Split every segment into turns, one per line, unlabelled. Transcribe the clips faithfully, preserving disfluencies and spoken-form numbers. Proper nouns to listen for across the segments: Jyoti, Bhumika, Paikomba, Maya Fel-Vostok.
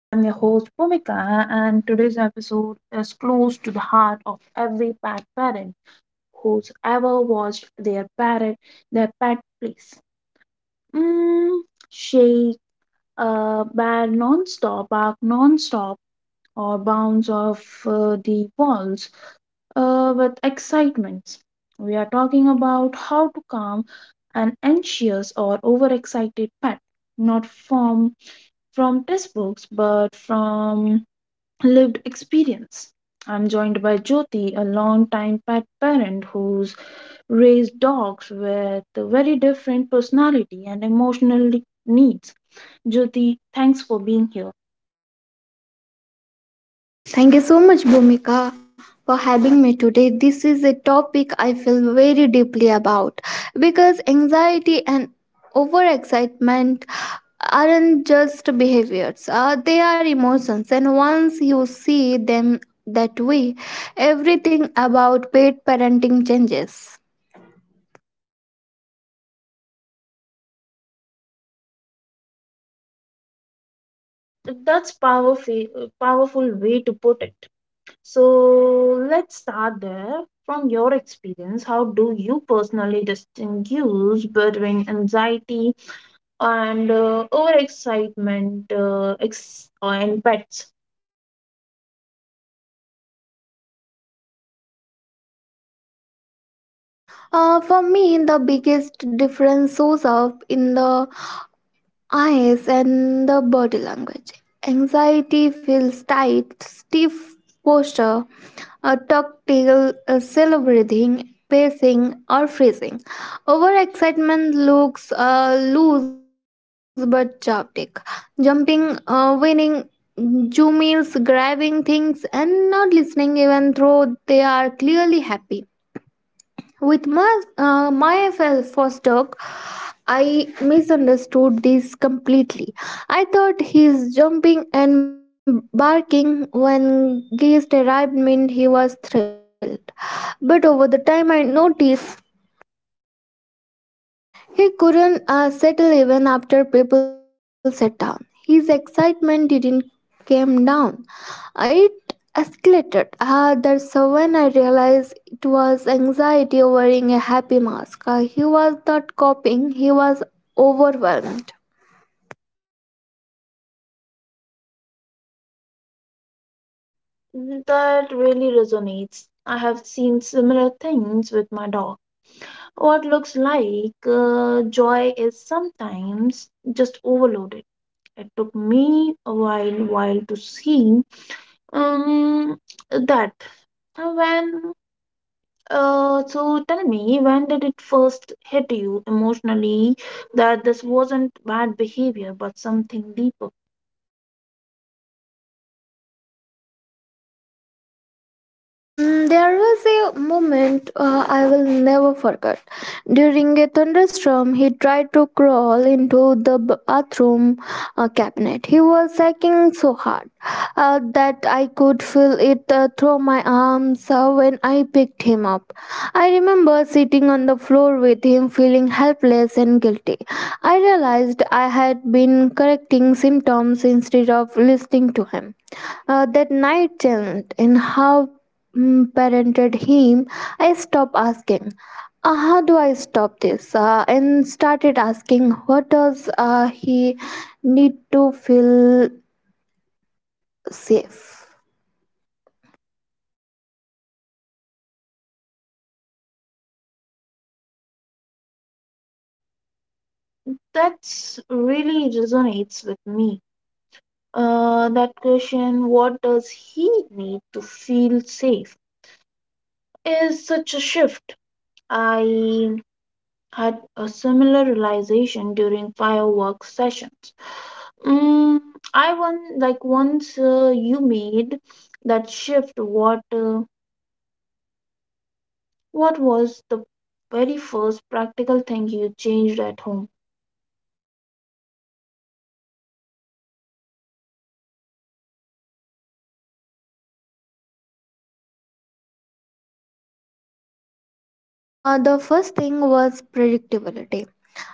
I'm your host, Bhumika, and today's episode is close to the heart of every pet parent who's ever watched their parrot, their pet place. Mm, shake, uh, bad non-stop, bark non-stop, or bounce off uh, the walls uh, with excitement. We are talking about how to calm an anxious or overexcited pet not form from textbooks but from lived experience. I'm joined by Jyoti, a long-time pet parent who's raised dogs with a very different personality and emotional needs. Jyoti, thanks for being here.
Thank you so much, Bhumika, for having me today. This is a topic I feel very deeply about because anxiety and overexcitement aren't just behaviors, uh, they are emotions. And once you see them that way, everything about paid parenting changes.
That's powerful, powerful way to put it. So let's start there. From your experience, how do you personally distinguish between anxiety and uh, overexcitement uh, ex- uh, in pets?
Uh, for me, the biggest difference shows up in the eyes and the body language. Anxiety feels tight, stiff posture, a tactile uh, cell breathing, pacing, or freezing. Overexcitement looks uh, loose but chaotic. Jumping, uh, winning, zoomies, grabbing things, and not listening even though they are clearly happy. With my, uh, Maya Fel- Vostok, I misunderstood this completely. I thought his jumping and barking when guests arrived meant he was thrilled. But over the time, I noticed he couldn't uh, settle even after people sat down. His excitement didn't came down. It escalated. Uh, that's when I realized it was anxiety wearing a happy mask. Uh, he was not coping. He was overwhelmed.
That really resonates. I have seen similar things with my dog. What looks like uh, joy is sometimes just overloaded. It took me a while while to see um that when uh so tell me, when did it first hit you emotionally that this wasn't bad behavior but something deeper?
Mm, there was a moment uh, I will never forget. During a thunderstorm, he tried to crawl into the b- bathroom uh, cabinet. He was shaking so hard uh, that I could feel it uh, through my arms uh, when I picked him up. I remember sitting on the floor with him, feeling helpless and guilty. I realized I had been correcting symptoms instead of listening to him. Uh, that night changed in how mm, parented him. I stopped asking, uh, how do I stop this? Uh, and started asking, what does uh, he need to feel safe?
That's really resonates with me. Uh, that question, what does he need to feel safe, is such a shift. I had a similar realization during fireworks sessions. Mm, I one like once uh, you made that shift. What uh, what was the very first practical thing you changed at home?
Uh, the first thing was predictability.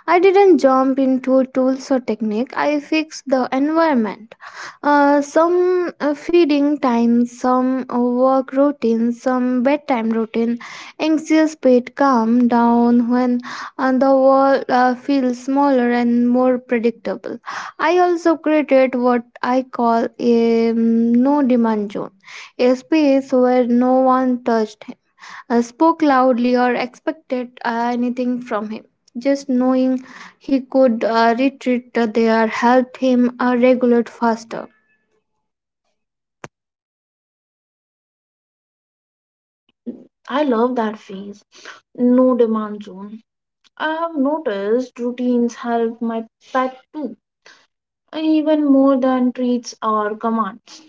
I didn't jump into tools or technique, I fixed the environment. Uh, some uh, feeding time, some uh, work routine, some bedtime routine. Anxious pet calm down when uh, the world uh, feels smaller and more predictable. I also created what I call a mm, no demand zone, a space where no one touched him, uh, spoke loudly, or expected uh, anything from him. Just knowing he could uh, retreat uh, there helped him uh, regulate faster.
I love that phase. No demand zone. I've noticed routines help my pet too, even more than treats or commands.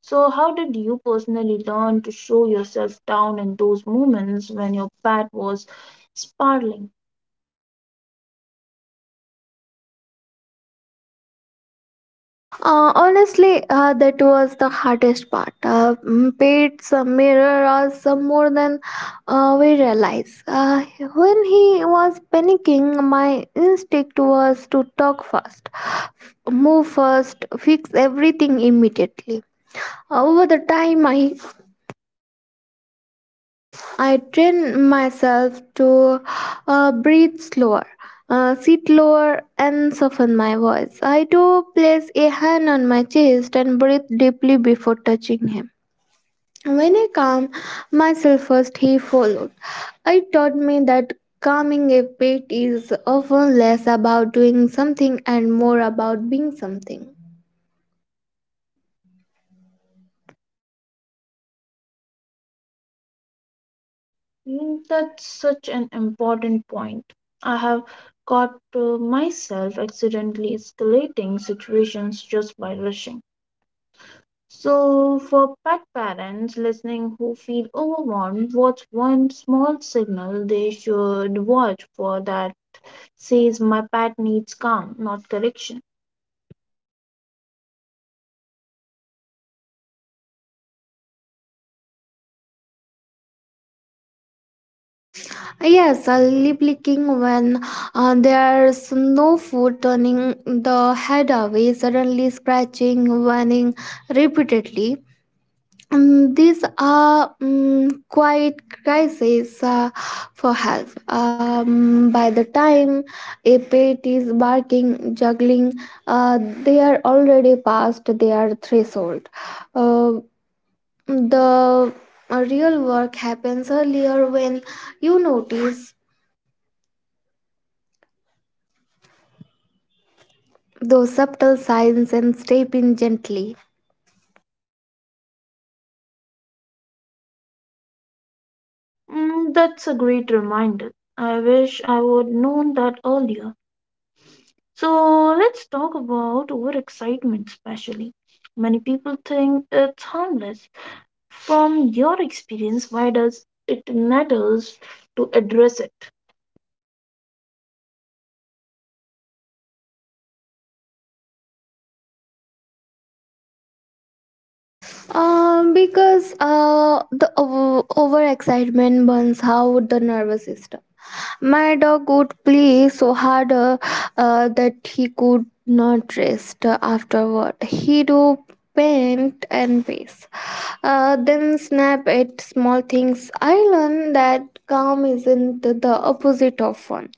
So, how did you personally learn to show yourself down in those moments when your pet was sparkling?
Uh, honestly, uh, that was the hardest part. Uh, mm, paid uh, mirror us uh, more than uh, we realized. Uh, when he was panicking, my instinct was to talk first, move first, fix everything immediately. Over the time, I I train myself to uh, breathe slower, uh, sit lower, and soften my voice. I do place a hand on my chest and breathe deeply before touching him. When I calm myself first, he followed. It taught me that calming pet is often less about doing something and more about being something.
Mm. That's such an important point. I have caught uh, myself accidentally escalating situations just by rushing. So, for pet parents listening who feel overwhelmed, what's one small signal they should watch for that says my pet needs calm, not correction?
Uh, Yes, a lip licking when uh, there's no food, turning the head away, suddenly scratching, whining repeatedly. Mm, these are mm quiet cries uh, for help. Um, by the time a pet is barking, juggling, uh, they are already past their threshold. Uh, the real work happens earlier when you notice those subtle signs and step in gently,
Mm, that's a great reminder. I wish I would known that earlier. So, let's talk about overexcitement, especially. Many people think it's harmless. From your experience, why does it matters to address it?
um, because uh, the over- overexcitement burns out the nervous system. My dog would play so hard uh, uh, that he could not rest afterward. He do paint and pace, uh, then snap at small things. I learned that calm isn't the opposite of fun.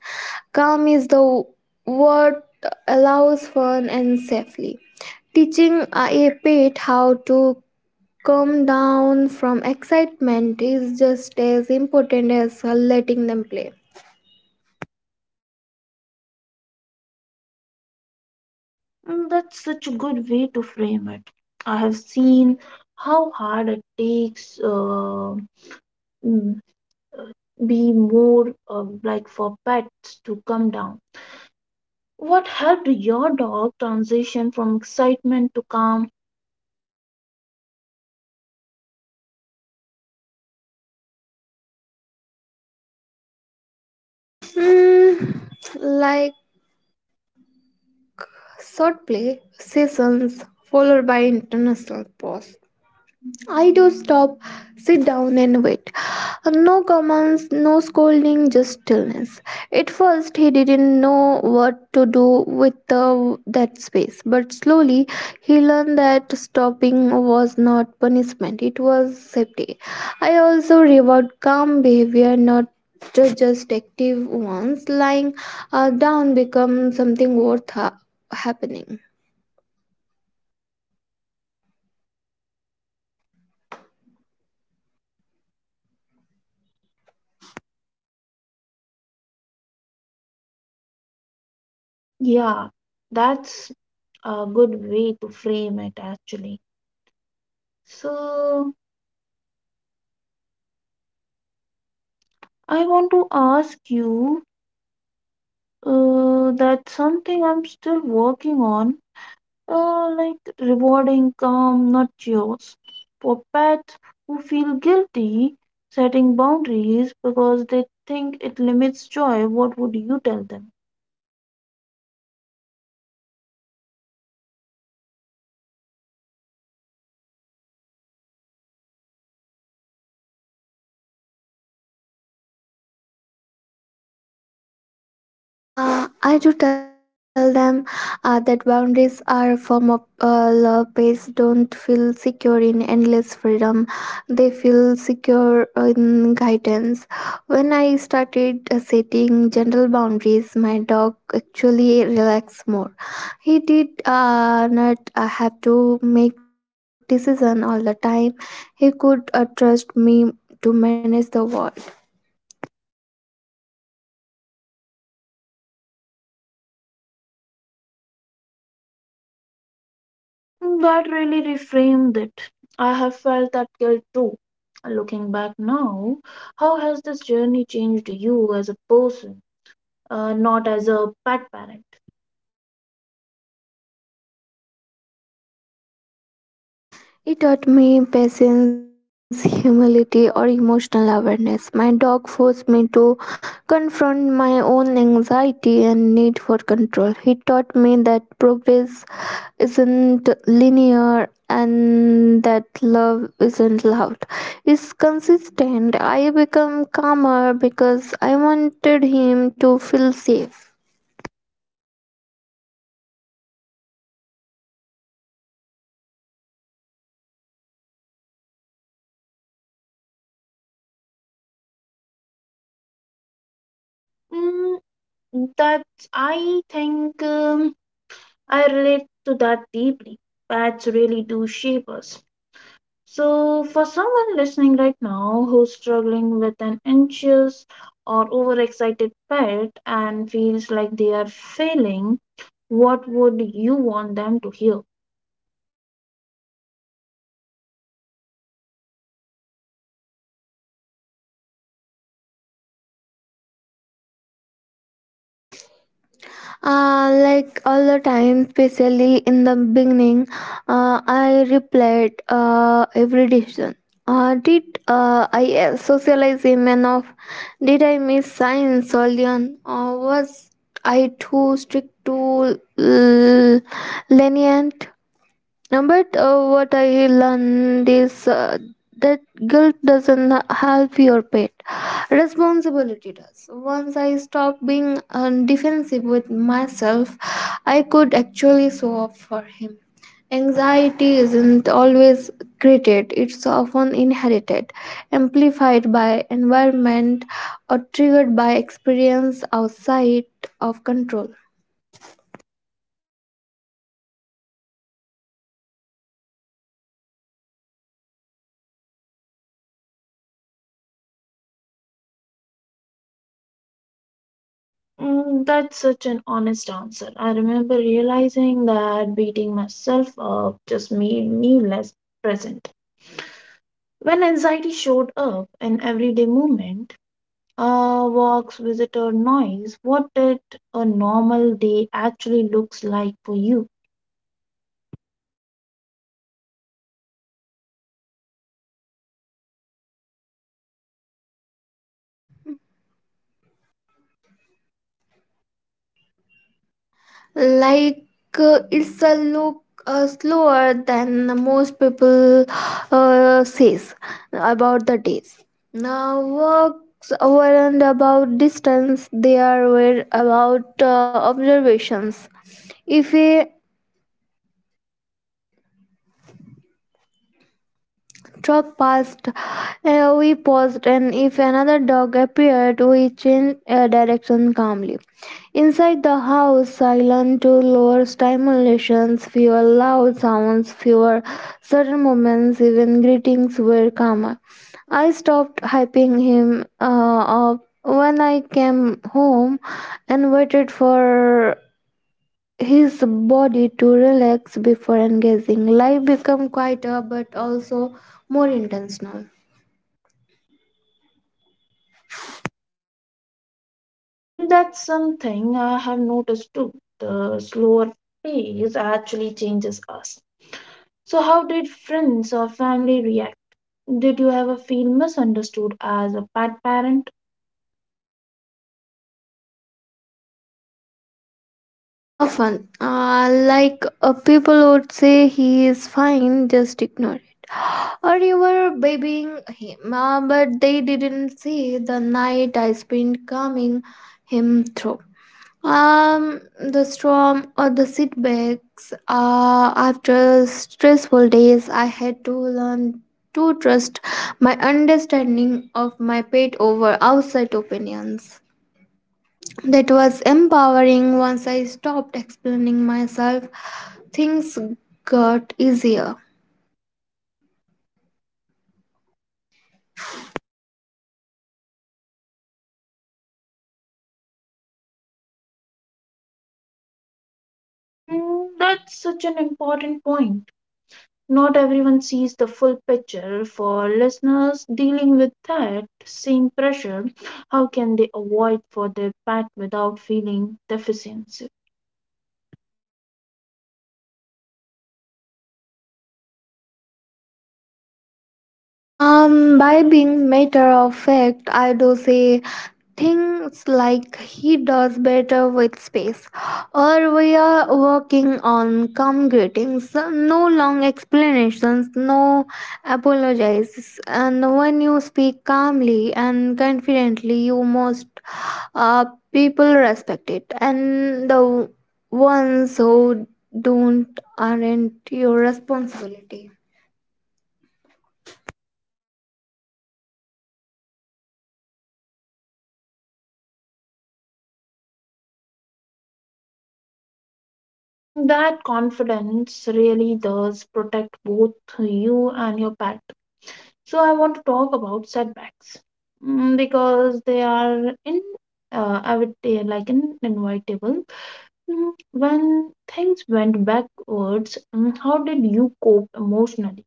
Calm is the what allows fun and safely. Teaching a pet how to calm down from excitement is just as important as uh, letting them play.
Mm. That's such a good way to frame it. I have seen how hard it takes uh, mm, be more uh, like for pets to come down. What helped your dog transition from excitement to calm?
Hmm, like short play sessions followed by international pause. I do stop, sit down, and wait. No comments, no scolding, just stillness. At first, he didn't know what to do with the, that space, but slowly he learned that stopping was not punishment, it was safety. I also reward calm behavior, not ju- just active ones. Lying uh, down becomes something worth ha- happening.
Yeah, that's a good way to frame it actually. So I want to ask you uh, that something I'm still working on. Uh, like rewarding calm, not chaos. For pets who feel guilty setting boundaries because they think it limits joy, what would you tell them?
Uh, I do tell them uh, that boundaries are a form of uh, love. Pets don't feel secure in endless freedom. They feel secure in guidance. When I started uh, setting gentle boundaries, my dog actually relaxed more. He did uh, not uh, have to make decision all the time. He could uh, trust me to manage the world.
Mm. That really reframed it. I have felt that guilt too. Looking back now, how has this journey changed you as a person, uh, not as a pet parent?
It taught me patience, humility, or emotional awareness. My dog forced me to confront my own anxiety and need for control. He taught me that progress isn't linear and that love isn't loud. It's consistent. I become calmer because I wanted him to feel safe.
Mm, that I think um, I relate to that deeply. Pets really do shape us. So, for someone listening right now who's struggling with an anxious or overexcited pet and feels like they are failing, what would you want them to hear?
Uh, like all the time, especially in the beginning, uh, I replayed uh, every decision. Uh, did uh, I uh, socialize enough? Did I miss science early on? Or was I too strict too l- lenient? Uh, But uh, what I learned is uh, that guilt doesn't help your pet. Responsibility does. Once I stopped being uh, defensive with myself, I could actually show up for him. Anxiety isn't always created, it's often inherited, amplified by environment, or triggered by experience outside of control
Mm, that's such an honest answer. I remember realizing that beating myself up just made me less present. When anxiety showed up in everyday movement, uh, walks, visitor noise, what did a normal day actually looks like for you?
all the time. Like uh, it's a look uh, slower than most people uh, says about the days now works over not about distance they are were about uh, observations if we truck passed. Uh, we paused, and if another dog appeared, we changed uh, direction calmly. Inside the house, silent to lower stimulations, fewer loud sounds, fewer sudden movements, even greetings were calmer. I stopped hyping him uh, up when I came home and waited for his body to relax before engaging. Life become quieter but also more intentional.
Mm. That's something I have noticed too. The slower pace actually changes us. So, how did friends or family react? Did you ever feel misunderstood as a bad parent?
Often, uh, like uh, people would say, he is fine, just ignore it. Or you were babying him, uh, but they didn't see the night I spent calming him through. Um, the storm or the setbacks. Uh, after stressful days, I had to learn to trust my understanding of my pet over outside opinions. That was empowering once I stopped explaining myself. Things got easier.
Mm, that's such an important point. Not everyone sees the full picture. For listeners dealing with that same pressure, how can they avoid for their pet without feeling deficiency?
Um, by being matter of fact, I do say things like he does better with space, or we are working on calm greetings, no long explanations, no apologies, and when you speak calmly and confidently, you most uh, people respect it, and the ones who don't aren't your responsibility.
Mm. That confidence really does protect both you and your pet. So, I want to talk about setbacks. Mm, because they are in, uh, I would say, like in inevitable. Mm, When things went backwards, mm, how did you cope emotionally?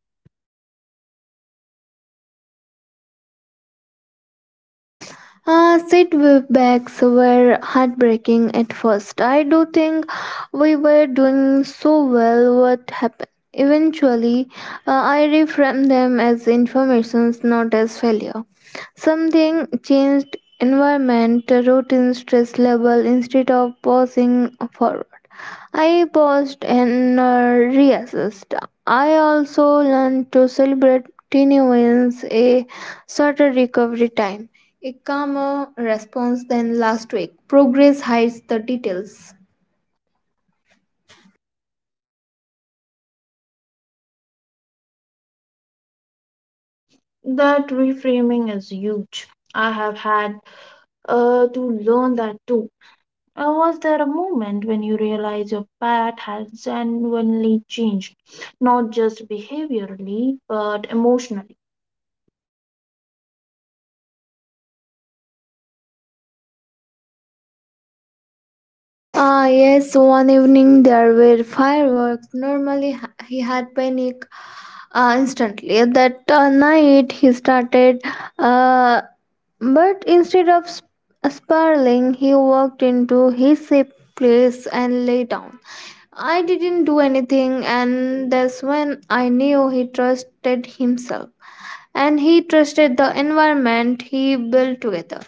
Uh, setbacks were heartbreaking at first. I do think we were doing so well. What happened? Eventually, uh, I reframed them as informations, not as failure. Something changed environment, routine, stress level instead of pausing for I paused and uh, reassessed. I also learned to celebrate teeny wins, a shorter recovery time, a calmer response than last week. Progress hides the details.
That reframing is huge. I have had uh, to learn that too. Uh, was there a moment when you realized your pet had genuinely changed, not just behaviorally but emotionally?
Ah, yes, one evening there were fireworks. Normally, h- he had panic uh, instantly. That uh, night he started, uh, but instead of sp- spiraling, he walked into his safe place and lay down. I didn't do anything, and that's when I knew he trusted himself and he trusted the environment he built together.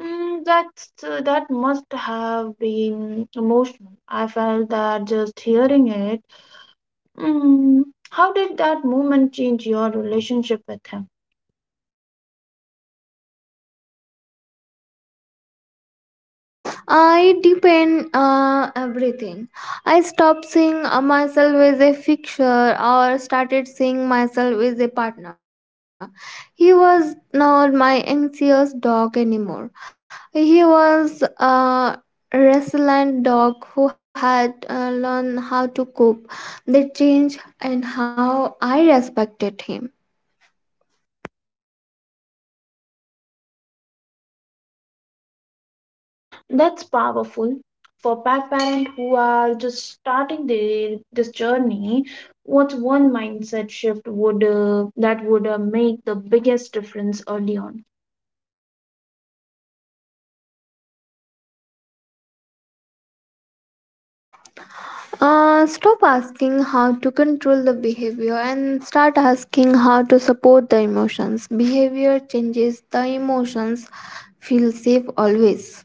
Mm, that's, uh, that must have been emotional. I felt that just hearing it. Mm, how did that moment change your relationship with him?
I depend uh, everything. I stopped seeing uh, myself as a fixture or started seeing myself as a partner. He was not my anxious dog anymore. He was a resilient dog who had uh, learned how to cope. They changed and how I respected him.
That's powerful for pet parents who are just starting their this journey. What's one mindset shift would uh, that would uh, make the biggest difference early on?
Uh, stop asking how to control the behavior and start asking how to support the emotions. Behavior changes, the emotions feel safe always.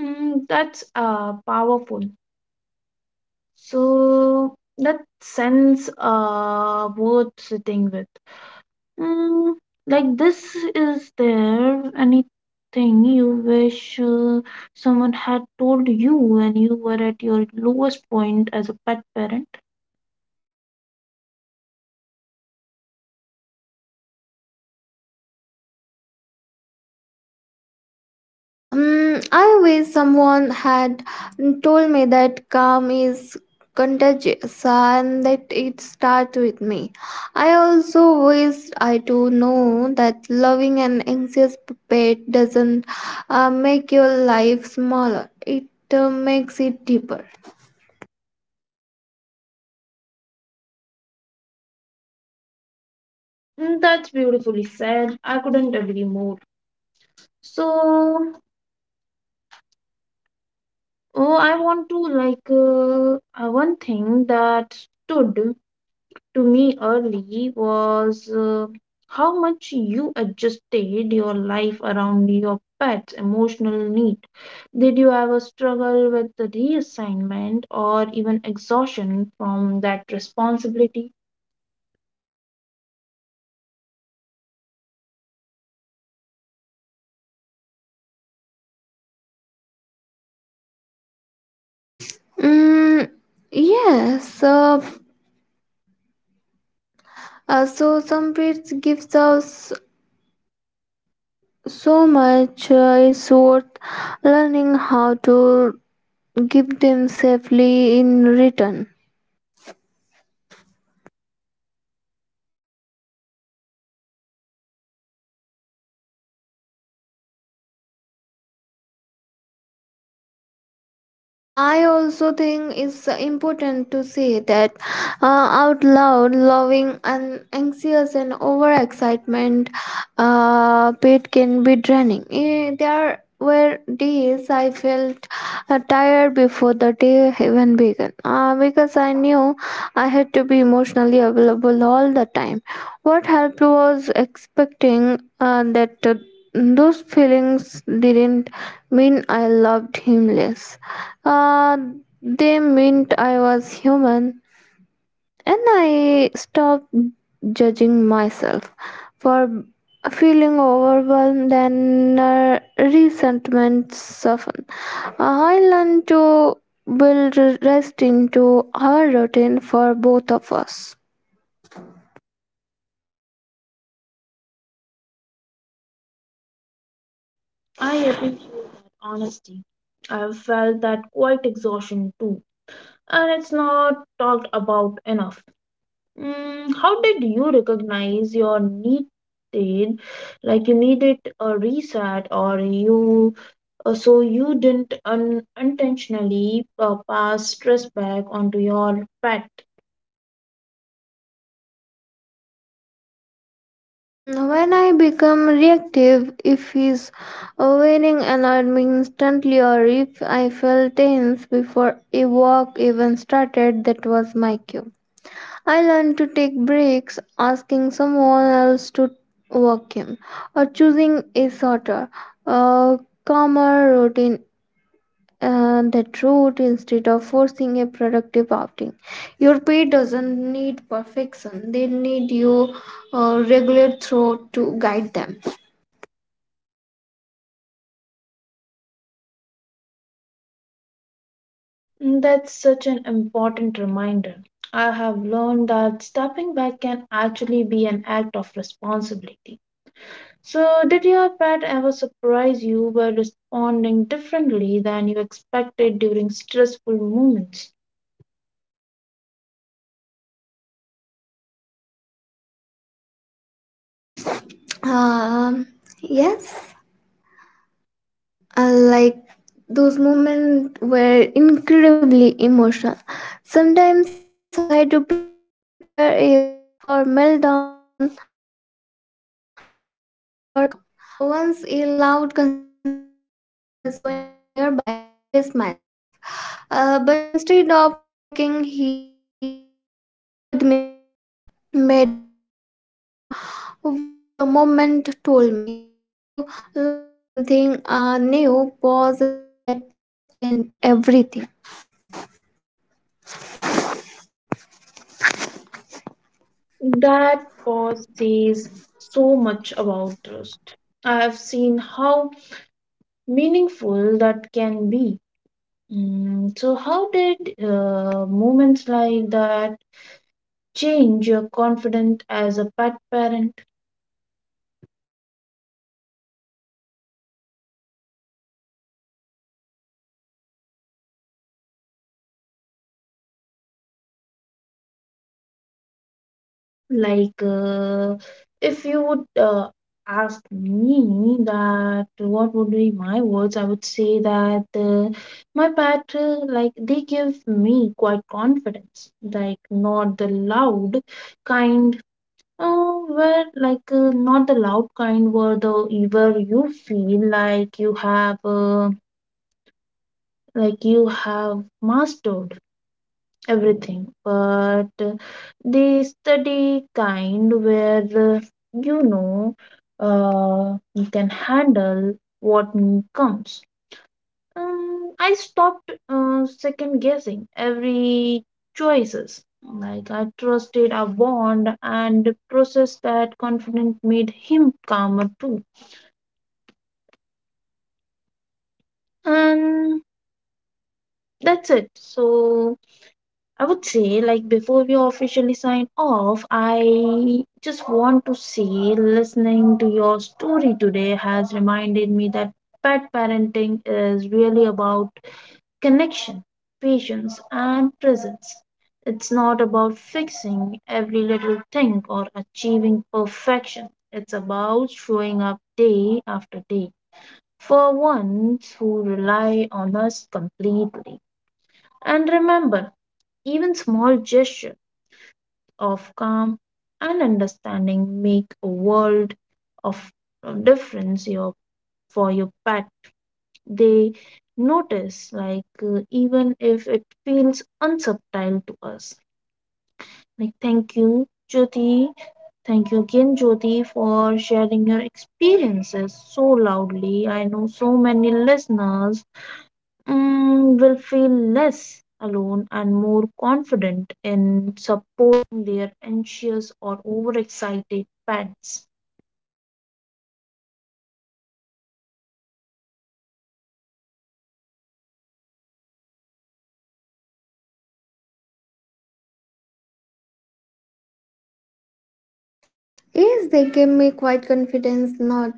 Mm, that's uh, powerful. So that sense uh, worth sitting with. Mm, like this is there anything you wish uh, someone had told you when you were at your lowest point as a pet parent?
Um, I wish someone had told me that calm is contagious and that it starts with me. I also wish I to know that loving an anxious pet doesn't uh, make your life smaller. It uh, makes it deeper.
Mm. That's beautifully said. I couldn't agree more. So, oh, I want to like uh, uh, one thing that stood to me early was uh, how much you adjusted your life around your pet's emotional need. Did you ever struggle with the reassignment or even exhaustion from that responsibility?
Mm, yes. Uh, uh, so some bits gives us so much. Uh, it's worth learning how to give them safely in return. And I also think it's important to say that uh, out loud, loving and anxious and overexcitement uh, bit can be draining. Eh, there were days I felt uh, tired before the day even began uh, because I knew I had to be emotionally available all the time. What helped was expecting uh, that uh, those feelings didn't mean I loved him less. Uh, they meant I was human, and I stopped judging myself for feeling overwhelmed and uh, resentment soften. I learned to build rest into our routine for both of us.
I appreciate that honesty. I've felt that quite exhaustion too, and it's not talked about enough. Mm, how did you recognize your needed, like you needed a reset, or you uh, so you didn't un- intentionally uh, pass stress back onto your pet?
Mm, when I become reactive, if he's waiting annoyed me instantly, or if I felt tense before a walk even started, that was my cue. I learned to take breaks, asking someone else to walk him, or choosing a shorter, uh, calmer routine and that route instead of forcing a productive outing. Your pet doesn't need perfection, they need your uh, regular throat to guide them.
Mm. That's such an important reminder. I have learned that stepping back can actually be an act of responsibility. So, did your pet ever surprise you by responding differently than you expected during stressful moments?
Um, yes, I like those moments were incredibly emotional. Sometimes I do prepare a for meltdown uh, that never comes. Once a loud construction noise went off nearby, I braced myself. Uh, but instead of panicking, he checked in with me, made eye contact, and wait the moment told me he to learn something uh, new. Pause, and that pause changed everything.
That pause says so much about trust. I have seen how meaningful that can be. Mm, so, how did uh, moments like that change your confidence as a pet parent? Like, uh, if you would uh, ask me that what would be my words, I would say that uh, my pet, uh, like, they give me quite confidence. Like, not the loud kind, oh, where, like, uh, not the loud kind where the where you feel like you have, uh, like, you have mastered everything, but they study kind where uh, you know uh, you can handle what n- comes um, I stopped uh, second guessing every choices, like I trusted a bond and process. That confident made him calmer too. And that's it. So I would say, like, before we officially sign off, I just want to say listening to your story today has reminded me that pet parenting is really about connection, patience, and presence. It's not about fixing every little thing or achieving perfection, it's about showing up day after day for ones who rely on us completely. And remember, even small gestures of calm and understanding make a world of uh, difference your, for your pet. They notice, like, uh, even if it feels unsubtle to us. Like, thank you, Jyoti. Thank you again, Jyoti, for sharing your experiences so loudly. I know so many listeners mm, will feel less alone and more confident in supporting their anxious or overexcited pets.
Yes, they gave me quite confidence, not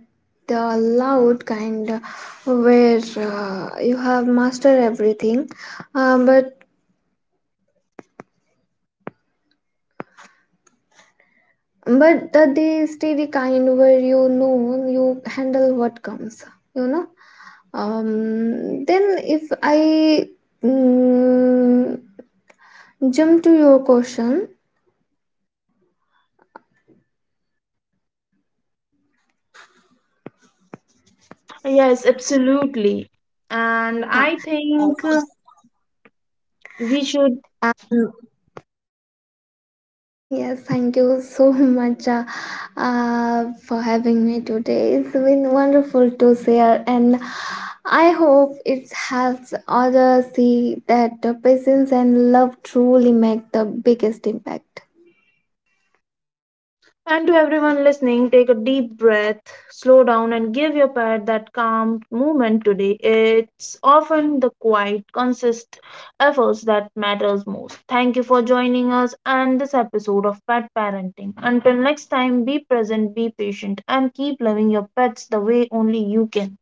the loud kind uh, where uh, you have mastered everything, uh, but but the, the steady kind where you know you handle what comes, you know. Um, then if I mm, jump to your question,
Yes, absolutely. And
ah,
I think uh, we should.
um, yes, thank you so much uh, uh, for having me today. It's been wonderful to share, and I hope it helps others see that the patience and love truly make the biggest impact.
And to everyone listening, take a deep breath, slow down, and give your pet that calm moment today. It's often the quiet, consistent efforts that matters most. Thank you for joining us and this episode of Pet Parenting. Until next time, be present, be patient, and keep loving your pets the way only you can.